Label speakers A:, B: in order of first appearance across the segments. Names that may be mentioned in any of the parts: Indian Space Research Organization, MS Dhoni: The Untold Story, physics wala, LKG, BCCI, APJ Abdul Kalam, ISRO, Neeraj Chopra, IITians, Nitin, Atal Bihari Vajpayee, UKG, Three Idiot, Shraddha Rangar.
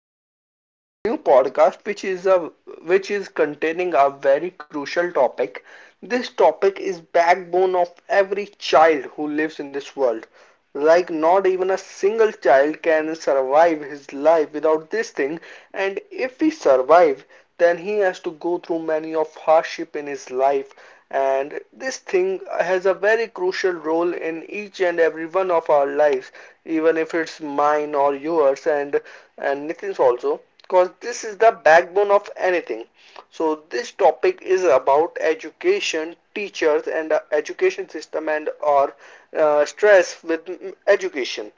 A: we are here with our new podcast, which is containing a very crucial topic. This topic is backbone of every child who lives in this world. Like not even a single child can survive his life without this thing, and if he survive, then he has to go through many of hardship in his life, and this thing has a very crucial role in each and every one of our lives, even if it's mine or yours, and Nitin's also, because this is the backbone of anything. So this topic is about education, teachers, and education system and or stress with education.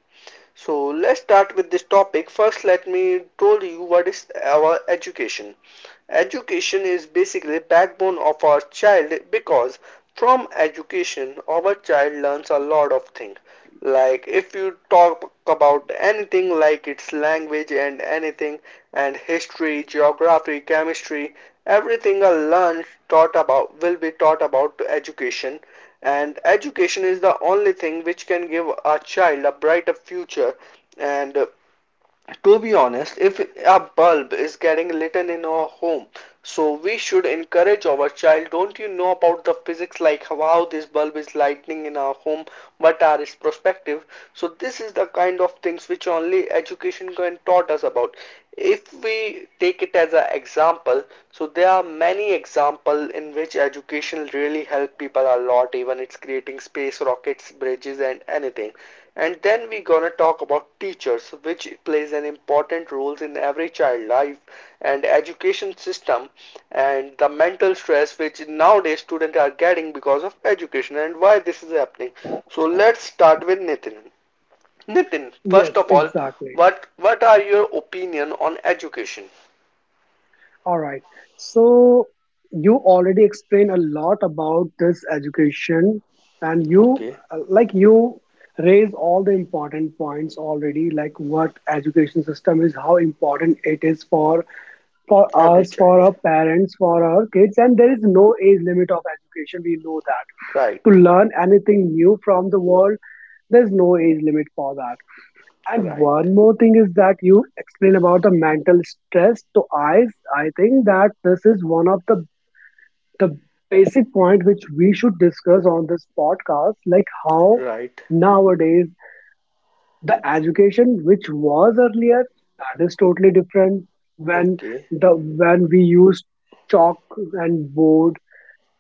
A: So let's start with this topic. First, let me tell you what is our education. Education is basically backbone of our child, because from education our child learns a lot of things. Like if you talk about anything, like its language and anything and history, geography, chemistry, everything I learned taught about will be taught about to education. And education is the only thing which can give a child a brighter future, and to be honest, if a bulb is getting lit in our home, so we should encourage our child. Don't you know about the physics, like how this bulb is lighting in our home? What are its perspective? So this is the kind of things which only education can taught us about. If we take it as an example, so there are many examples in which education really help people a lot. Even it's creating space rockets, bridges, and anything. And then we're gonna talk about teachers, which plays an important role in every child life, and education system, and the mental stress which nowadays students are getting because of education and why this is happening. So let's start with Nitin. Nitin,
B: Yes,
A: first of all,
B: exactly.
A: what are your opinion on education?
B: All right. So you already explained a lot about this education, and you
A: Okay,
B: like you raise all the important points already, like what education system is, how important it is for
A: every
B: us, for
A: child.
B: our parents, for our kids, and there is no age limit of education. We know that to
A: Right,
B: learn anything new from the world, there's no age limit for that. And
A: right,
B: one more thing is that you explain about the mental stress. So I think that this is one of the the basic point which we should discuss on this podcast, like how
A: right.
B: nowadays the education which was earlier, that is totally different when
A: Okay,
B: the when we used chalk and board,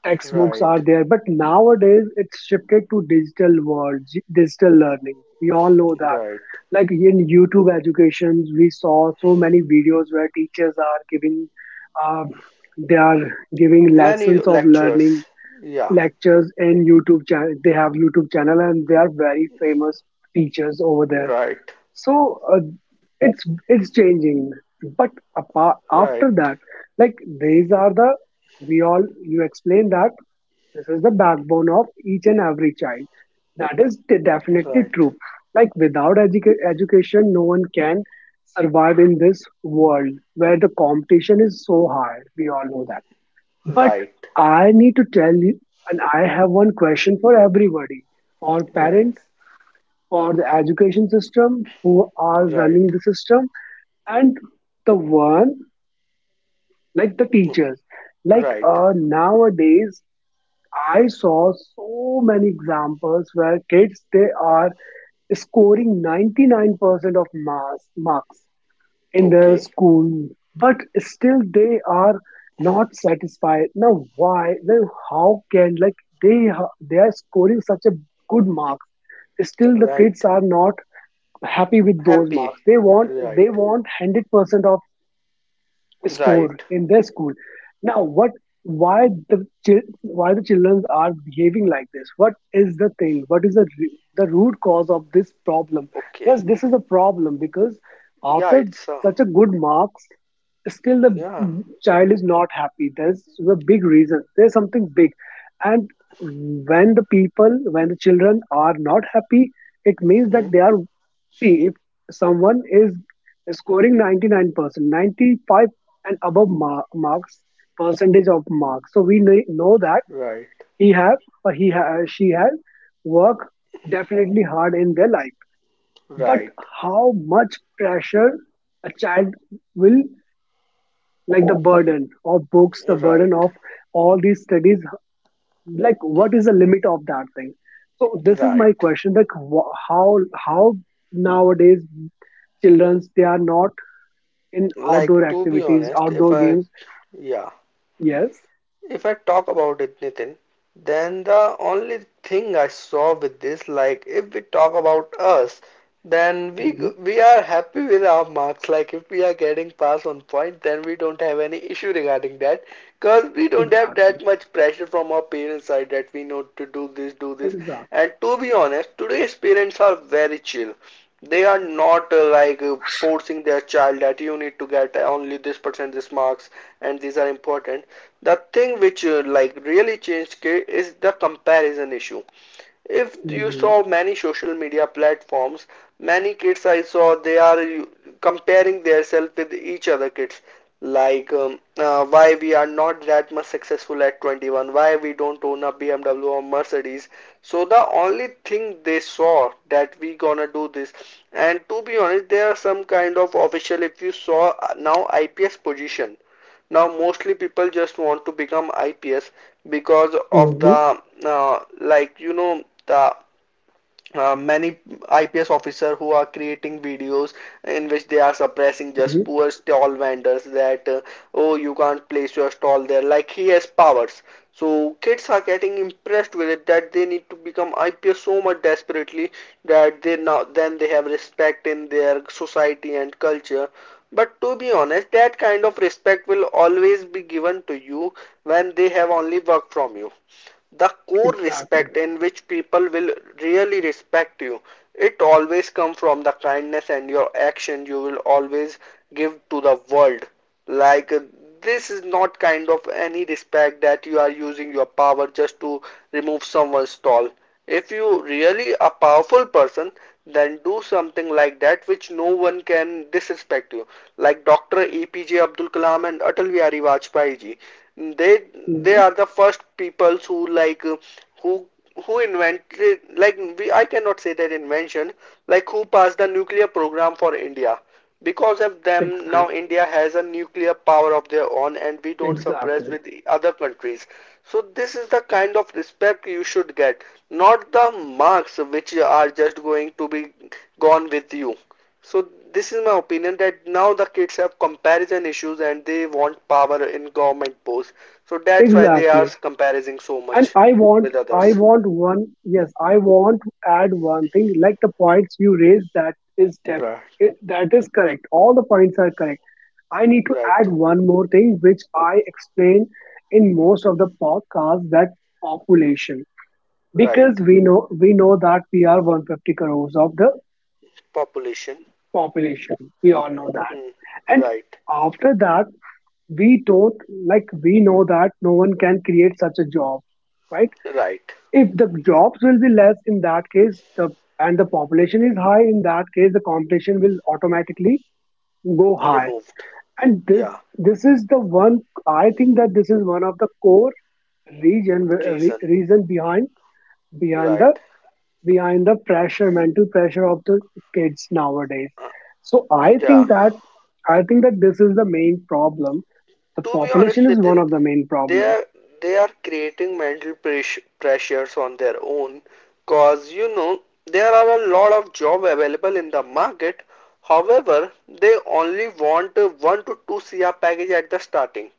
B: textbooks are
A: right,
B: there, but nowadays it's shifted to digital world, digital learning, we all know that.
A: right.
B: Like in YouTube educations, we saw so many videos where teachers are giving, uh, they are giving
A: Many
B: lessons of learning
A: lectures. Yeah,
B: lectures in YouTube channel, they have YouTube channel and they are very famous teachers over there.
A: right.
B: So uh, it's changing, but apart after
A: Right,
B: that, like these are the, we all, you explain that this is the backbone of each and every child, that is definitely
A: right,
B: true. Like without education no one can survive in this world where the competition is so high, we all know that. But
A: right,
B: I need to tell you, and I have one question for everybody, for
A: right,
B: parents, for the education system, who are running
A: right,
B: the system, and the one, like the teachers, like
A: right.
B: nowadays I saw so many examples where kids they are scoring 99% of mass, marks in their
A: Okay,
B: school, but still they are not satisfied. Now why? Now how can, like they are scoring such a good marks, still the kids
A: right.
B: are not happy with those marks,
A: Happy,
B: they want
A: right,
B: 100% of score
A: right.
B: in their school. Now what, why why the children are behaving like this? What is the thing, what is the root cause of this problem?
A: Okay.
B: Yes, this is a problem because
A: Yeah,
B: after
A: it's a,
B: such a good marks still the
A: yeah.
B: child is not happy. There's a big reason, there's something big. And when the people, when the children are not happy, it means that
A: Hmm.
B: they are, see if someone is scoring 99% 95 and above marks, percentage of marks, so we know that
A: Right,
B: he have or she had worked definitely hard in their life. But
A: right,
B: how much pressure a child will, like the burden of books, the burden
A: right,
B: of all these studies, like what is the limit of that thing? So this is my
A: right.
B: question, like how nowadays childrens they are not in
A: Like
B: outdoor
A: to be
B: activities,
A: honest, if
B: outdoor
A: I
B: games.
A: yeah
B: Yes.
A: If I talk about it, Nitin, then the only thing I saw with this, like if we talk about us, then we
B: Mhm.
A: we are happy with our marks. Like if we are getting pass on point, then we don't have any issue regarding that, because we don't have that
B: Exactly.
A: much pressure from our parents' side that we know to do this, do this.
B: Exactly.
A: And to be honest, today's parents are very chill. They are not like forcing their child that you need to get only this percent this marks, and these are important. The thing which like really changed K is the comparison issue. If you
B: Mm-hmm.
A: saw many social media platforms, many kids I saw they are comparing themselves with each other kids. Like why we are not that much successful at 21, why we don't own a BMW or Mercedes. So the only thing they saw that we gonna do this. And to be honest, there are some kind of official. If you saw now IPS position, now mostly people just want to become IPS because of
B: Mm-hmm.
A: the like you know the many IPS officer who are creating videos in which they are suppressing
B: Hmm.
A: just poor stall vendors that oh, you can't place your stall there, like he has powers. So kids are getting impressed with it, that they need to become IPS so much desperately that they now then they have respect in their society and culture. But to be honest, that kind of respect will always be given to you when they have only worked from you. The core
B: Exactly.
A: respect in which people will really respect you, it always comes from the kindness and your action you will always give to the world. Like, this is not kind of any respect that you are using your power just to remove someone's stall. If you really a powerful person, then do something like that which no one can disrespect you. Like Dr. APJ Abdul Kalam and Atal Bihari Vajpayee ji. They they
B: Mm-hmm.
A: are the first people who like who who invented, like, we, I cannot say that invention, like who passed the nuclear program for India. Because of them, now
B: Exactly.
A: India has a nuclear power of their own and we don't suppress
B: Exactly.
A: with other countries. So this is the kind of respect you should get, not the marks which are just going to be gone with you. So this is my opinion, that now the kids have comparison issues and they want power in government posts. So that's why they are
B: Exactly.
A: comparing so
B: And
A: much with
B: I
A: others.
B: want one. Yes, I want to add one thing. Like the points you raised, that is
A: Right.
B: it, that is correct. All the points are correct. I need to
A: Right,
B: add one more thing, which I explain in most of the podcasts. That population,
A: right.
B: because we know that we are 150 crores of the
A: Population.
B: population. We all know that.
A: Hmm.
B: And
A: Right,
B: after that, we don't, like we know that no one can create such a job, right?
A: right.
B: If the jobs will be less in that case, the, and the population is high in that case, the competition will automatically go high.
A: Removed.
B: And this
A: Yeah,
B: this is the one, I think that this is one of the core region
A: reason,
B: reason behind the
A: right.
B: behind the pressure, mental pressure of the kids nowadays.
A: Uh,
B: so i
A: yeah.
B: think that I think that this is the main problem, the
A: To be honest,
B: population is one
A: Nitin,
B: of the main
A: they
B: problem.
A: are they are creating mental pressures on their own, cause you know there are a lot of job available in the market. However, they only want a one to two CR package at the starting.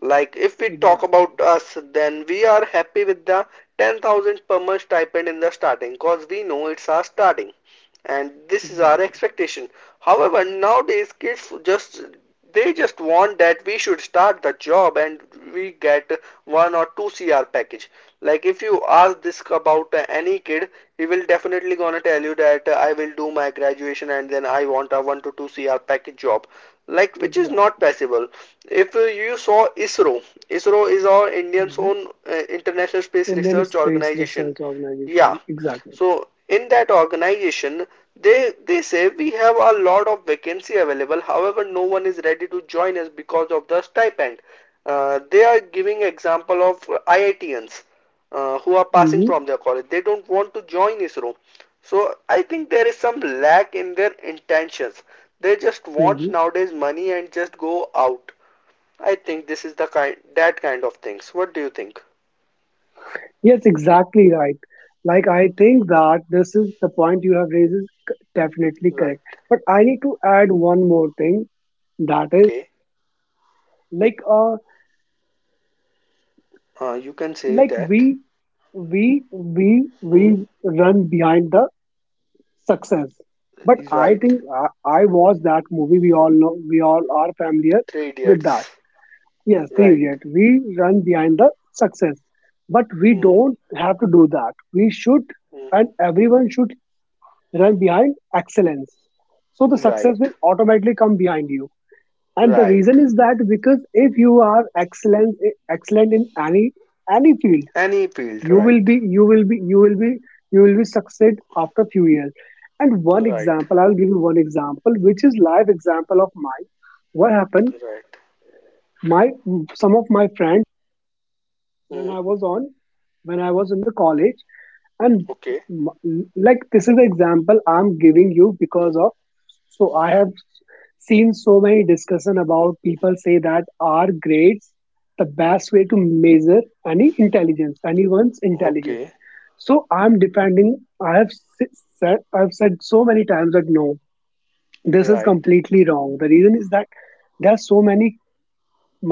A: Like if we talk
B: Exactly.
A: about us, then we are happy with the 10,000 per month stipend in the starting, cause we know it's our starting. And this is our
B: Exactly.
A: expectation. However, nowadays kids just, they just want that we should start the job and we get one or two CR package. Like if you ask this about any kid, he will definitely gonna tell you that I will do my graduation and then I want a one to two CR package job. Like which is not
B: Exactly.
A: possible. If you saw ISRO, ISRO is our Indian's
B: Hmm.
A: own International Space
B: Indian
A: Research
B: Space
A: Organization.
B: Research
A: Yeah.
B: Organization, exactly.
A: So in that organization, they say we have a lot of vacancy available. However, no one is ready to join us because of the stipend. They are giving example of IITians who are passing
B: Hmm.
A: from their college. They don't want to join ISRO. So I think there is some lack in their intentions. They just want
B: Hmm.
A: nowadays money and just go out. I think this is the kind that kind of things. What do you think?
B: Yes, exactly, right. Like I think that this is the point you have raised is definitely
A: Right.
B: correct, but I need to add one more thing, that is,
A: Okay.
B: like a,
A: You can say
B: like
A: that.
B: we we we
A: Hmm.
B: we run behind the success. But I
A: Right.
B: think I watched that movie. We all know we all are familiar
A: Three
B: with that.
A: idiots.
B: Yes, Three
A: Right.
B: Idiot. We run behind the success, but we
A: Hmm.
B: don't have to do that. We should,
A: Hmm.
B: and everyone should run behind excellence. So the success
A: Right.
B: will automatically come behind you. And the
A: Right.
B: reason is that because if you are excellent in any field,
A: Any field.
B: you will
A: Right.
B: be you will be you will be you will be succeed after few years. And one
A: Right.
B: example, I'll give you one example which is live example of mine, what happened,
A: Right.
B: my, some of my friends when
A: Hmm.
B: I was on, when I was in the college, and
A: Okay.
B: like this is the example I'm giving you because of, so I have seen so many discussion about people say that are grades the best way to measure any intelligence, anyone's intelligence?
A: Okay.
B: So I'm defending, I've said so many times that no, this is
A: Right.
B: completely wrong. The reason is that there are so many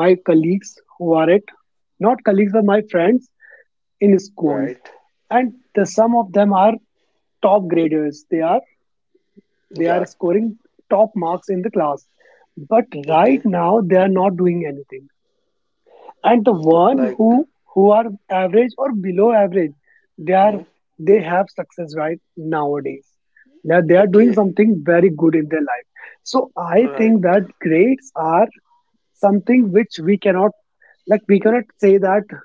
B: my colleagues who are it, not colleagues but my friends in school,
A: Right.
B: and the some of them are top graders, they are they
A: Yeah.
B: are scoring top marks in the class, but right
A: Okay.
B: now they are not doing anything. And the one
A: Like.
B: who are average or below average, they are
A: Hmm.
B: they have success right nowadays, now they are doing
A: Okay.
B: something very good in their life. So I
A: Right.
B: think that grades are something which we cannot, like we cannot say that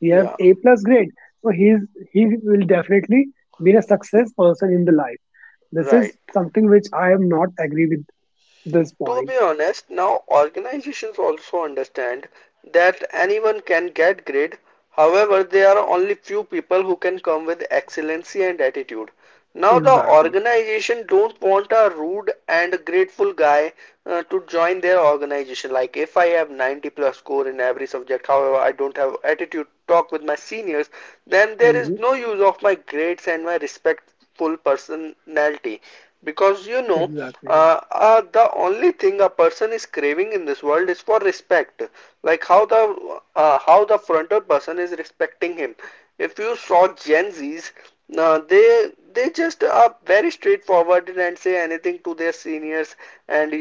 B: he have
A: Yeah.
B: a plus grade, so he will definitely be a success person in the life. This
A: Right.
B: is something which I am not agree with, this
A: To be
B: point.
A: honest, now organizations also understand that anyone can get great. However, there are only few people who can come with excellency and attitude. Now the
B: Exactly.
A: organization don't want a rude and grateful guy to join their organization. Like if I have 90 plus score in every subject, however, I don't have attitude talk with my seniors, then there is
B: Hmm.
A: no use of my grades and my respectful personality, because you know,
B: Exactly.
A: the only thing a person is craving in this world is for respect. Like how the frontal person is respecting him. If you saw gen z's, uh, they they just are very straightforward and say anything to their seniors. And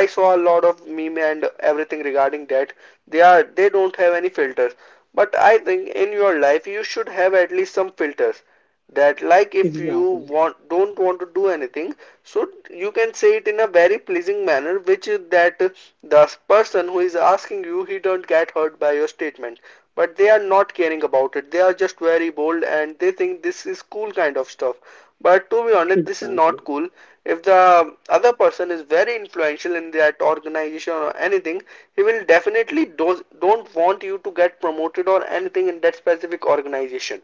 A: I saw a lot of meme and everything regarding that. They don't have any filters. But I think in your life you should have at least some filters, that like if you
B: Exactly.
A: want don't want to do anything, so you can say it in a very pleasing manner, which is that the person who is asking you, he don't get hurt by your statement. But they are not caring about it. They are just very bold and they think this is cool kind of stuff. But to be honest, this is
B: Exactly.
A: not cool. If the other person is very influential in that organization or anything, he will definitely do don't want you to get promoted or anything in that specific organization.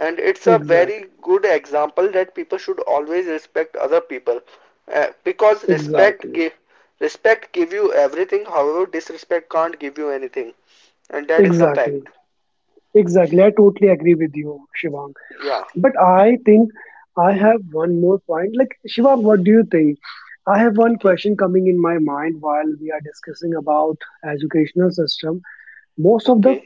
A: And it's a
B: Exactly.
A: very good example that people should always respect other people. Because
B: Exactly.
A: respect give you everything, however disrespect can't give you anything. And that is the
B: Exactly.
A: fact.
B: Exactly. I totally agree with you, Shivang.
A: Yeah.
B: But I think I have one more point. Like, Shiva, what do you think? I have one
A: Okay,
B: question coming in my mind while we are discussing about educational system. Most of the
A: okay.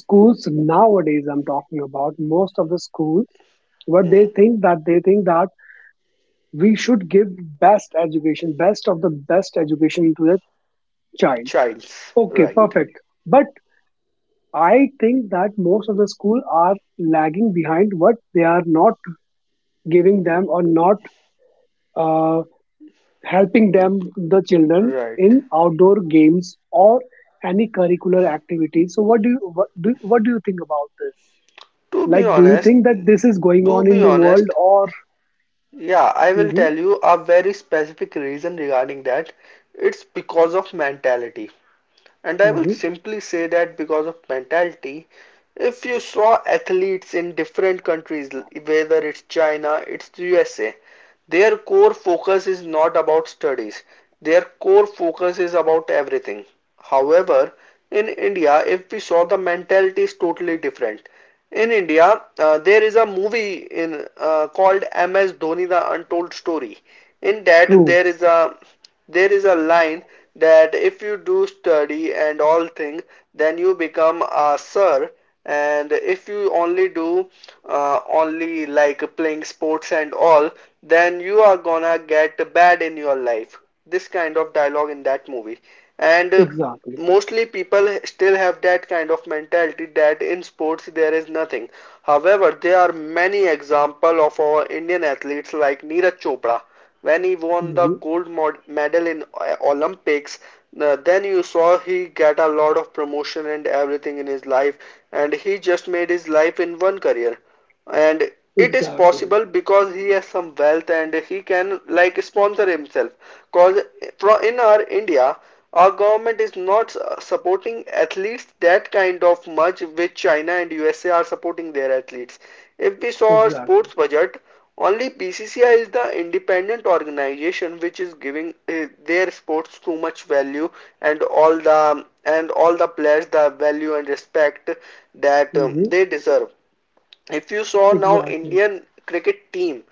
B: schools nowadays, I'm talking about, most of the schools, what they
A: Hmm.
B: think that we should give best education, best of the best education to the child.
A: Childs,
B: Okay,
A: right,
B: perfect. But I think that most of the school are lagging behind, what they are not giving them or not uh, helping them the children
A: right.
B: in outdoor games or any curricular activity. So what do you think about this,
A: To be
B: like do you
A: honest,
B: think that this is going
A: to
B: on in
A: be
B: the world
A: honest,
B: or.
A: yeah, I will
B: Hmm.
A: tell you a very specific reason regarding that. It's because of mentality. And I will
B: Hmm.
A: simply say that because of mentality, if you saw athletes in different countries, whether it's China, it's USA, their core focus is not about studies. Their core focus is about everything. However, in India, if we saw, the mentality is totally different. In India, there is a movie in called MS Dhoni: The Untold Story. In that,
B: True.
A: there is a line that if you do study and all things, then you become a sir. And if you only do only like playing sports and all, then you are gonna get bad in your life. This kind of dialogue in that movie, and
B: Exactly.
A: mostly people still have that kind of mentality that in sports there is nothing. However, there are many examples of our Indian athletes like Neeraj Chopra. When he won the
B: Hmm.
A: gold medal in Olympics, then you saw he get a lot of promotion and everything in his life, and he just made his life in one career, and it is
B: Exactly.
A: possible because he has some wealth and he can like sponsor himself, cause in our India, our government is not supporting athletes that kind of much, which China and USA are supporting their athletes. If we saw our
B: Exactly.
A: sports budget, only BCCI is the independent organization which is giving their sports too much value, and all the players the value and respect that
B: Hmm.
A: they deserve. If you saw now
B: Exactly.
A: Indian cricket team,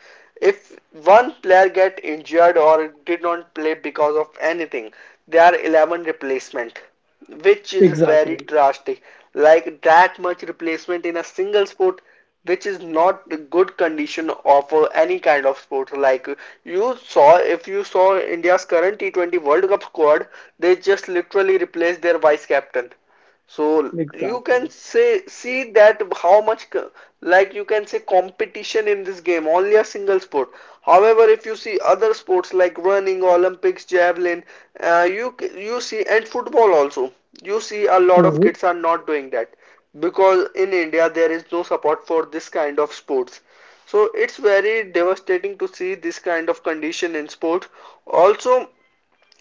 A: if one player get injured or did not play because of anything, there are 11 replacement, which is very
B: Exactly.
A: drastic. Like that much replacement in a single sport, which is not the good condition of any kind of sport. Like you saw, if you saw India's current T20 World Cup squad, they just literally replaced their vice captain, so you can
B: Exactly.
A: say see that how much, like, you can say competition in this game only a single sport. However, if you see other sports like running, Olympics, javelin, uh, you you see, and football also. You see a lot of kids are not doing that because in India there is no support for this kind of sports. So it's very devastating to see this kind of condition in sport. Also,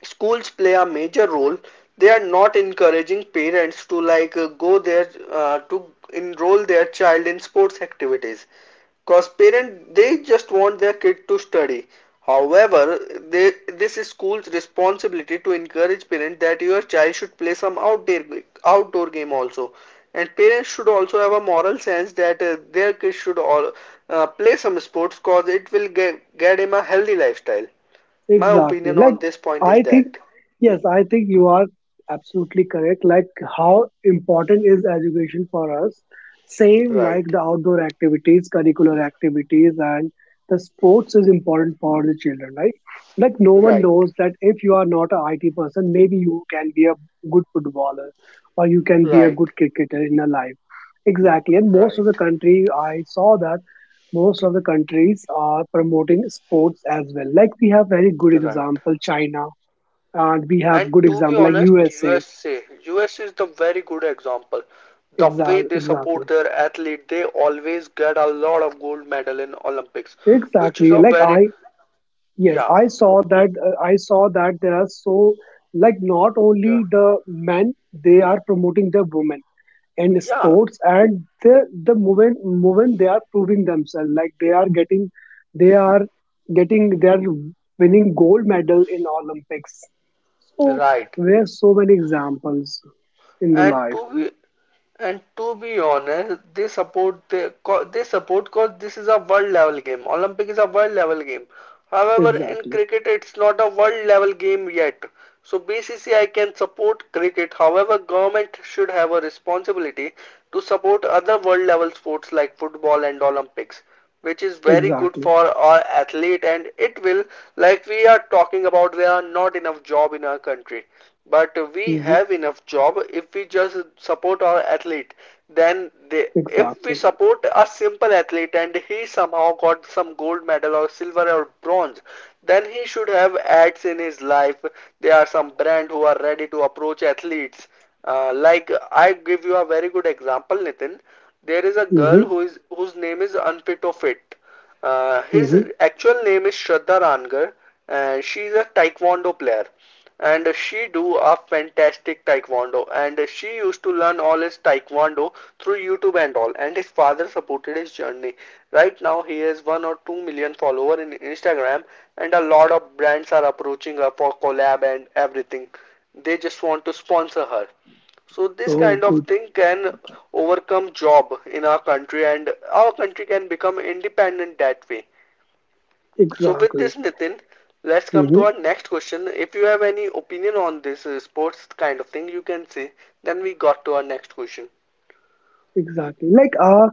A: schools play a major role. They are not encouraging parents to like go there to enroll their child in sports activities, because parent they just want their kid to study. However, this is school's responsibility to encourage parent that your child should play some outdoor game also, and parents should also have a moral sense that their kids should all play some sports, cause it will get him a healthy lifestyle. My
B: Exactly.
A: opinion
B: Like
A: on this point is
B: I think,
A: that.
B: yes, I think you are absolutely correct. Like, how important is education for us? Same like
A: Right,
B: the outdoor activities, curricular activities, and the sports is important for the children, right? Like, no one
A: right,
B: knows that if you are not a IT person, maybe you can be a good footballer or you can be a good
A: right,
B: cricketer in your life. Exactly. And most
A: right,
B: of the country, I saw that most of the countries are promoting sports as well. Like we have very good
A: right.
B: example, China, and we have
A: And
B: good
A: to be
B: example like
A: honest,
B: USA.
A: USA, US is the very good example. The way
B: Exactly.
A: they
B: Exactly.
A: support their athlete, they always get a lot of gold medal in Olympics, which is
B: Exactly.
A: a
B: Like
A: very.
B: I, yes,
A: Yeah,
B: I saw that. I saw that there are so, like not
A: yeah,
B: only the men, they are promoting the women in
A: yeah,
B: sports, and the moment they are proving themselves, like they are they are winning gold medal in Olympics. So
A: right.
B: we have so many examples in the
A: and to
B: life.
A: be and to be honest, they support, cause this is a world level game. Olympic is a world level game. However, in
B: Exactly.
A: cricket, it's not a world level game yet. So BCCI can support cricket. However, government should have a responsibility to support other world level sports like football and Olympics, which is very good
B: Exactly.
A: for our athlete. And it will, like we are talking about, there are not enough job in our country, but we
B: Hmm.
A: have enough job if we just support our athlete. Then if
B: Exactly.
A: we support a simple athlete and he somehow got some gold medal or silver or bronze, then he should have ads in his life. There are some brand who are ready to approach athletes. Like I give you a very good example, Nitin. There is a girl
B: Hmm.
A: who is whose name is unfit of it his
B: Hmm.
A: actual name is Shraddha Rangar, and she is a taekwondo player. And she do a fantastic taekwondo. And she used to learn all his taekwondo through YouTube and all. And his father supported his journey. Right now, he has 1 or 2 million follower in Instagram, and a lot of brands are approaching her for collab and everything. They just want to sponsor her. So this
B: Oh
A: kind of
B: good.
A: thing can overcome job in our country, and our country can become independent that way. So with
B: Exactly.
A: this Nitin, let's come
B: Hmm.
A: to our next question. If you have any opinion on this sports kind of thing, you can say. Then we got to our next question.
B: Exactly. Like uh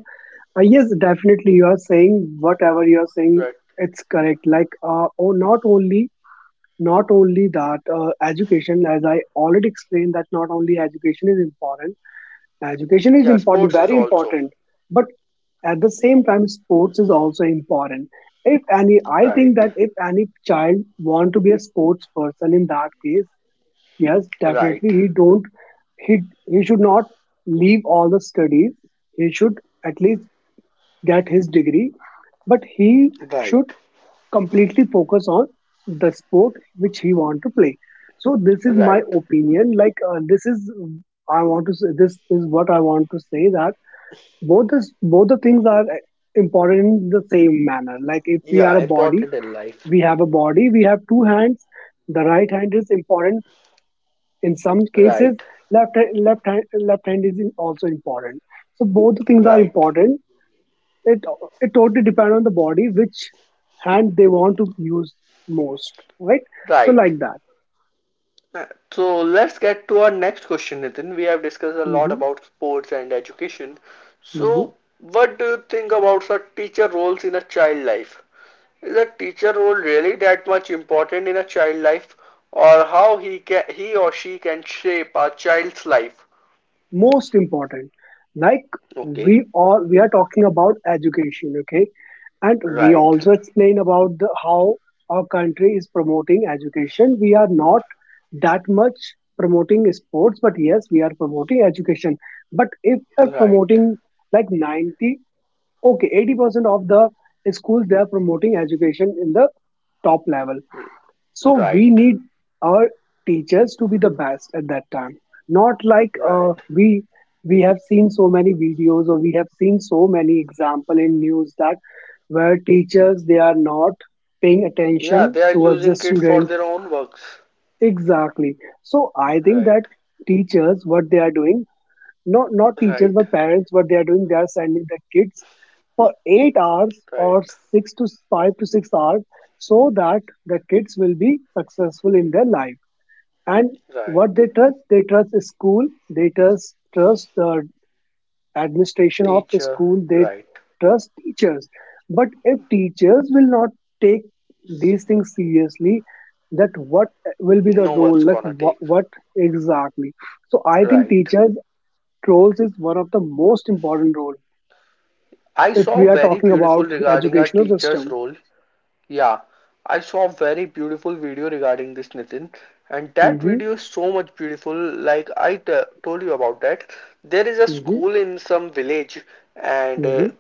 B: uh, yes, definitely you are saying, whatever you are saying,
A: Right.
B: it's correct. Like oh, not only, not only that, education, as I already explained, that not only education is important, education is
A: Yeah,
B: important,
A: sports is
B: very
A: also.
B: important, but at the same time sports is also important. If any, I think
A: Right.
B: that if any child want to be a sports person in that case, yes
A: Right.
B: definitely he don't, he he should not leave all the studies, he should at least get his degree, but he
A: Right.
B: should completely focus on the sport which he want to play. So this is my
A: Right.
B: opinion. Like this is, I want to say, this is what I want to say that both this both the things are important in the same manner. Like if we are
A: Yeah,
B: a body,
A: important in life.
B: we have a body, we have two hands. The right hand is important in some cases.
A: Right.
B: Left hand left hand is also important. So both the things are
A: Right.
B: important, it it totally depends on the body which hand they want to use most, right? So
A: Right.
B: like that.
A: Uh, So let's get to our next question, Nitin. We have discussed a lot
B: Hmm.
A: about sports and education.
B: Hmm.
A: So, what do you think about such teacher roles in a child life? Is a teacher role really that much important in a child life, or how he or she can shape a child's life?
B: Most important. Like,
A: Okay,
B: we all, we are talking about education, okay, and we
A: right,
B: also explain about the, how our country is promoting education. We are not that much promoting sports, but yes, we are promoting education. But if we are
A: right,
B: promoting, like, 90, okay, 80% of the schools, they are promoting education in the top level. So we
A: right,
B: need our teachers to be the best at that time. Not like
A: right.
B: we have seen so many videos, or we have seen so many example in news, that where teachers they are not paying
A: Yeah, they
B: attention
A: are
B: towards the
A: using kids for
B: student.
A: their own works.
B: Exactly. So I think that
A: Right,
B: teachers what they are doing, not teachers
A: right,
B: but parents, what they are doing, they are sending their kids for 8 hours,
A: right,
B: or 6 to 5 to 6 hours, so that the kids will be successful in their life. And what
A: right.
B: they trust, they trust is school. They trust, the administration of the
A: Teacher,
B: school. They
A: right.
B: trust teachers. But if teachers will not take these things seriously, that what will be the
A: No
B: role?
A: one's
B: Like,
A: gonna take.
B: what exactly? So I think
A: Right.
B: teachers' trolls is one of the most important role,
A: I
B: if
A: saw
B: we are
A: very
B: talking
A: beautiful
B: about
A: regarding our
B: educational
A: teacher's
B: system.
A: role. Yeah, I saw a very beautiful video regarding this Nitin, and that
B: Mhm.
A: video is so much beautiful. Like I t told you about that, there is a
B: Mhm.
A: school in some village, and
B: Mhm.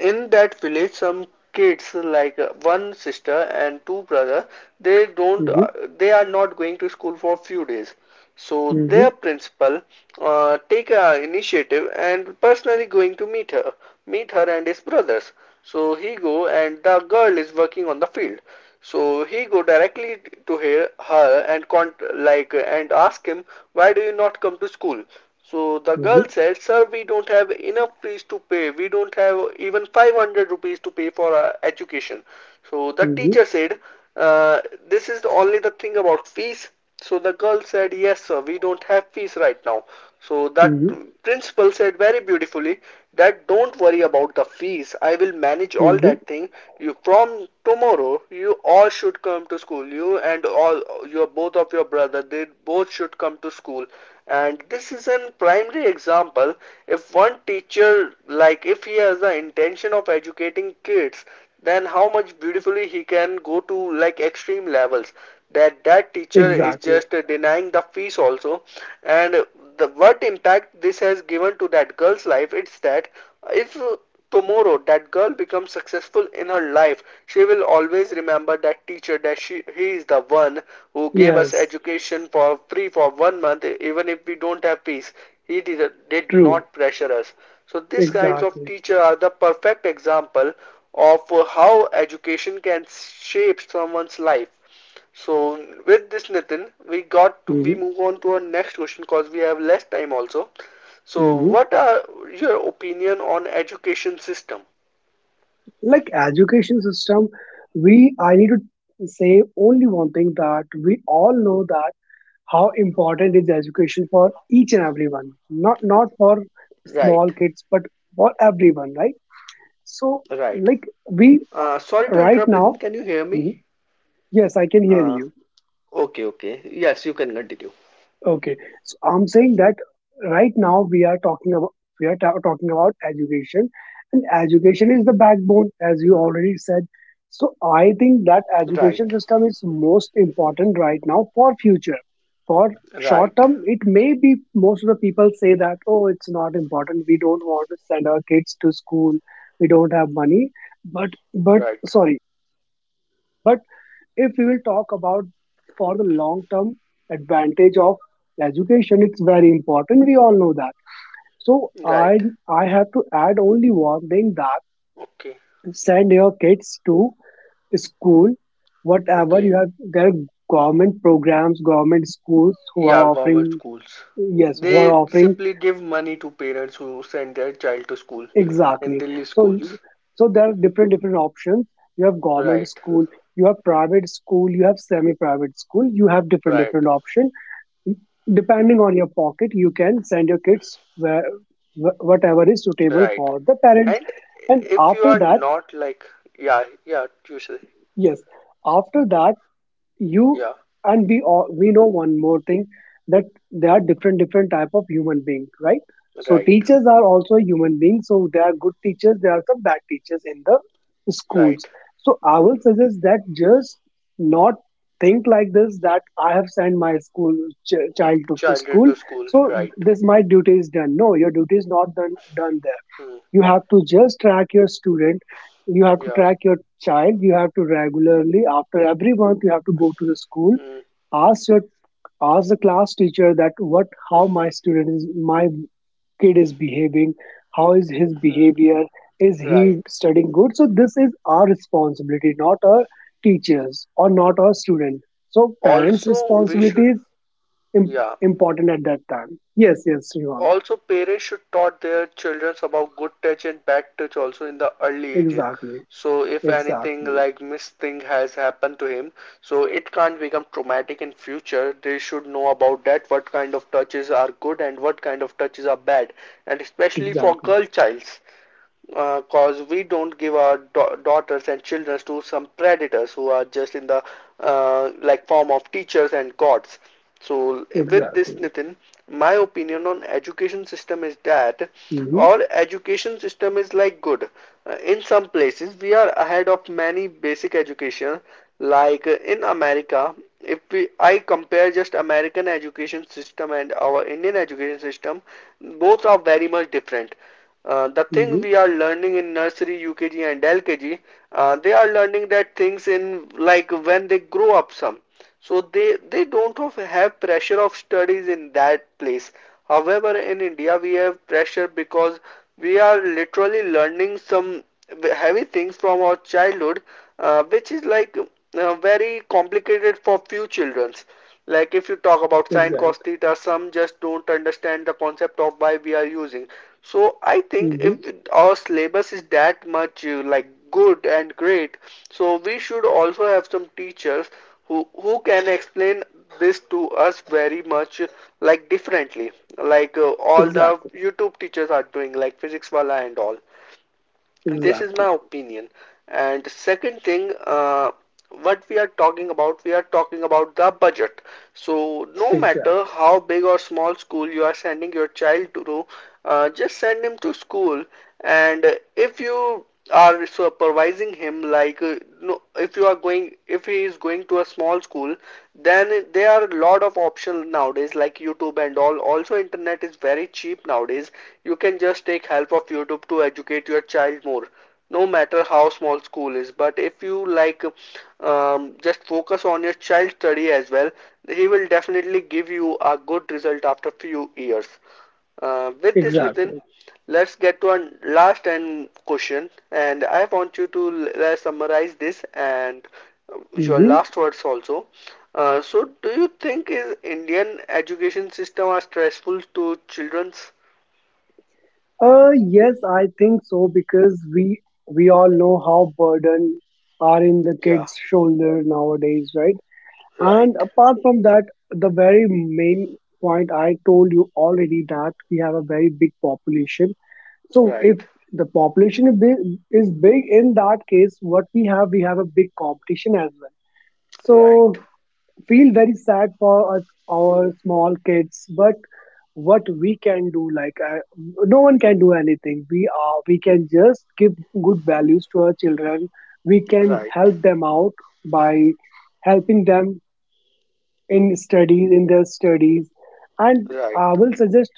A: in that village, some kids like one sister and two brother, they don't,
B: Mhm.
A: they are not going to school for a few days. So
B: Mhm.
A: their principal take a initiative and personally going to meet her and his brothers. So he go and the girl is working on the field. So he go directly to her and like and ask him, why do you not come to school? So the
B: Mhm.
A: girl said, "Sir, we don't have enough fees to pay. We don't have even 500 rupees to pay for our education." So the
B: Mhm.
A: teacher said, uh, "This is only the thing about fees. So the girl said, yes, sir, we don't have fees right now. So that
B: Mhm.
A: principal said very beautifully that don't worry about the fees. I will manage all
B: Mhm.
A: that thing. You, from tomorrow you all should come to school. You and all your both of your brother, they both should come to school. And this is an primary example. If one teacher, like if he has the intention of educating kids, then how much beautifully he can go to like extreme levels. There that teacher is
B: Exactly.
A: just denying the fees also, and the what impact this has given to that girl's life, it's that if tomorrow that girl becomes successful in her life, she will always remember that teacher, that she he is the one who gave us
B: Yes.
A: education for free for 1 month, even if we don't have fees, he did
B: True.
A: not pressure us. So these kinds of
B: Exactly.
A: teachers are the perfect example of how education can shape someone's life. So with this Nitin, we we
B: Mhm.
A: move on to our next question, because we have less time also. So
B: Mhm.
A: what are your opinion on education system?
B: Like, education system, we I need to say only one thing, that we all know that how important is education for each and everyone. Not for
C: Right,
B: small kids, but for everyone, right? So,
C: right.
B: like, we
C: Sorry to interrupt, Nitin.
B: right
C: Can you
B: now.
C: hear me?
B: Mhm. Yes, I can
C: Uh,
B: hear you.
C: okay, okay. Yes, you can continue.
B: Okay, so I'm saying that right now we are talking about, talking about education, and education is the backbone, as you already said. So I think that
C: Right,
B: education system is most important right now for future. For
C: right,
B: short term, it may be most of the people say that, oh, it's not important, we don't want to send our kids to school, we don't have money. But but
C: right,
B: sorry, if we will talk about for the long term advantage of education, it's very important, we all know that. So i
C: right.
B: I have to add only one thing, that
C: Okay,
B: send your kids to school, whatever you
C: okay.
B: have. There are government programs, government schools, who are
C: Yeah, government
B: offering.
C: schools.
B: Yes, who are
C: They
B: offering.
C: simply give money to parents who send their child to school in
B: Exactly.
C: Delhi
B: so
C: schools.
B: so there are different different options. You have government
C: Right,
B: school, you have private school, you have semi private school, you have different
C: right,
B: different option. Depending on your pocket, you can send your kids where, whatever is suitable
C: right.
B: for the parents.
C: And
B: And
C: if you
B: after
C: are
B: that,
C: not like, yeah, yeah, usually,
B: yes, after that, you
C: yeah,
B: and we all, we know one more thing, that there are different different type of human being, right? So
C: right,
B: teachers are also human beings, so there are good teachers, there are some bad teachers in the schools.
C: right.
B: So I will suggest that just not think like this, that I have sent my school, child to
C: Children
B: school,
C: to school,
B: so
C: right.
B: this, my duty is done. No, your duty is not done, done there.
C: Hmm,
B: You have to just track your student, you have to
C: yeah.
B: track your child, you have to regularly, after every month, you have to go to the school,
C: Hmm.
B: ask your ask the class teacher that what, how my student is, my kid is behaving, how is his behavior, is he
C: Right.
B: studying good? So this is our responsibility, not our teachers or not our student. So parents
C: Also, we
B: responsibility
C: should,
B: is im-
C: yeah.
B: important at that time. Yes, yes, Srivan.
C: Also, parents should taught their children about good touch and bad touch also in the early ages.
B: Exactly.
C: So, if anything
B: Exactly.
C: like misthing has happened to him, so it can't become traumatic in future. They should know about that, what kind of touches are good and what kind of touches are bad, and especially for
B: Exactly.
C: girl childs. Because cause we don't give our daughters and children to some predators who are just in the like form of teachers and gods. So with this,
B: Exactly.
C: Nitin, my opinion on education system is that
B: Mm-hmm.
C: our education system is like good. In some places we are ahead of many basic education, like in America. If we, I compare just American education system and our Indian education system, both are very much different. The thing
B: Mm-hmm.
C: we are learning in nursery, UKG, and LKG, they are learning that things in like when they grow up some. So they don't have pressure of studies in that place. However, in India we have pressure because we are literally learning some heavy things from our childhood, which is like very complicated for few childrens. Like if you talk about sine, cos,
B: Exactly.
C: theta, some just don't understand the concept of why we are using. So I think if
B: Mm-hmm.
C: our syllabus is that much like good and great, so we should also have some teachers who can explain this to us very much like differently, like all the
B: Exactly.
C: YouTube teachers are doing, like physics wala and all. And this is
B: Exactly.
C: my opinion. And second thing, what we are talking about we are talking about the budget, so no matter
B: Exactly.
C: how big or small school you are sending your child to, just send him to school. And if you are supervising him, like, no, if he is going to a small school, then there are a lot of options nowadays like YouTube and all. Also, internet is very cheap nowadays, you can just take help of YouTube to educate your child more. No matter how small school is, but if you like, just focus on your child study as well, he will definitely give you a good result after few years. With this, Nitin,
B: Exactly.
C: let's get to our last and question, and I want you to summarize this and your
B: Mm-hmm.
C: last words also. So, do you think is Indian education system are stressful to children's?
B: Yes, I think so, because we all know how burden are in the
C: Yeah,
B: kids' shoulder nowadays, right? And
C: right,
B: apart from that, the very main point I told you already, that we have a very big population. So
C: right,
B: if the population is big, in that case, what we have a big competition as well. So
C: right,
B: feel very sad for us, our small kids, but what we can do, like, I, no one can do anything. We are we can just give good values to our children, we can
C: right.
B: help them out by helping them in studies, in their studies. And I
C: Right,
B: will suggest,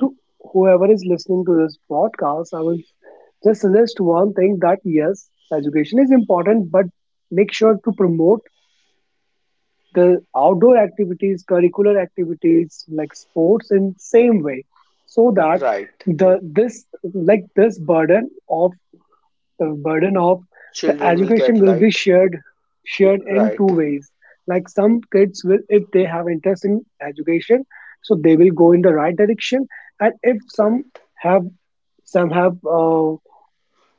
B: to whoever is listening to this podcast, I will just suggest one thing, that yes, education is important, but make sure to promote the outdoor activities, curricular activities like sports in same way, so that
C: right.
B: the this like this burden of, the burden of the
C: Children will
B: education
C: get
B: will be
C: light.
B: shared in
C: Right,
B: 2 ways. Like some kids will, if they have interest in education, so they will go in the right direction, and if some
C: right.
B: have, some have uh,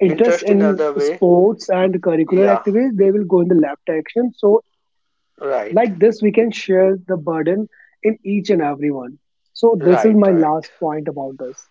B: interest
C: Interest in
B: in
C: other way.
B: sports and curricular
C: Yeah,
B: activities, they will go in the left direction. So
C: right,
B: like this, we can share the burden in each and every one. So this is
C: right,
B: my
C: right.
B: last point about this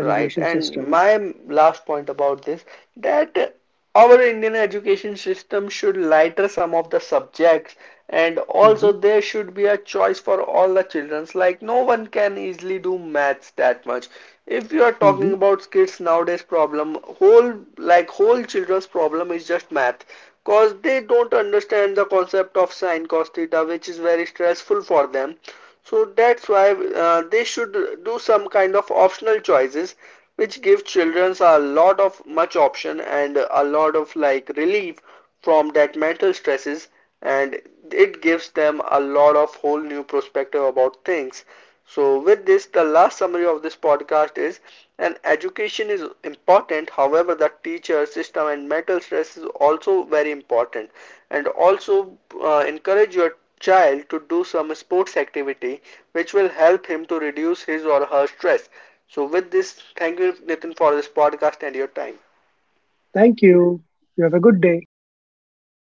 C: Right, and
B: system.
C: my last point about this, that our Indian education system should lighter some of the subjects, and
B: Hmm.
C: also there should be a choice for all the childrens. Like no one can easily do maths that much. If you are
B: Hmm.
C: talking about kids nowadays, problem whole like whole children's problem is just math, cause they don't understand the concept of sine cos theta, which is very stressful for them. So that's why they should do some kind of optional choices which give children a lot of much option and a lot of like relief from that mental stresses, and it gives them a lot of whole new perspective about things. So with this, the last summary of this podcast is an education is important, however the teacher system and mental stress is also very important, and also encourage your child to do some sports activity which will help him to reduce his or her stress. So, with this, thank you, Nathan, for this podcast and your time.
B: Thank you. You have a good day.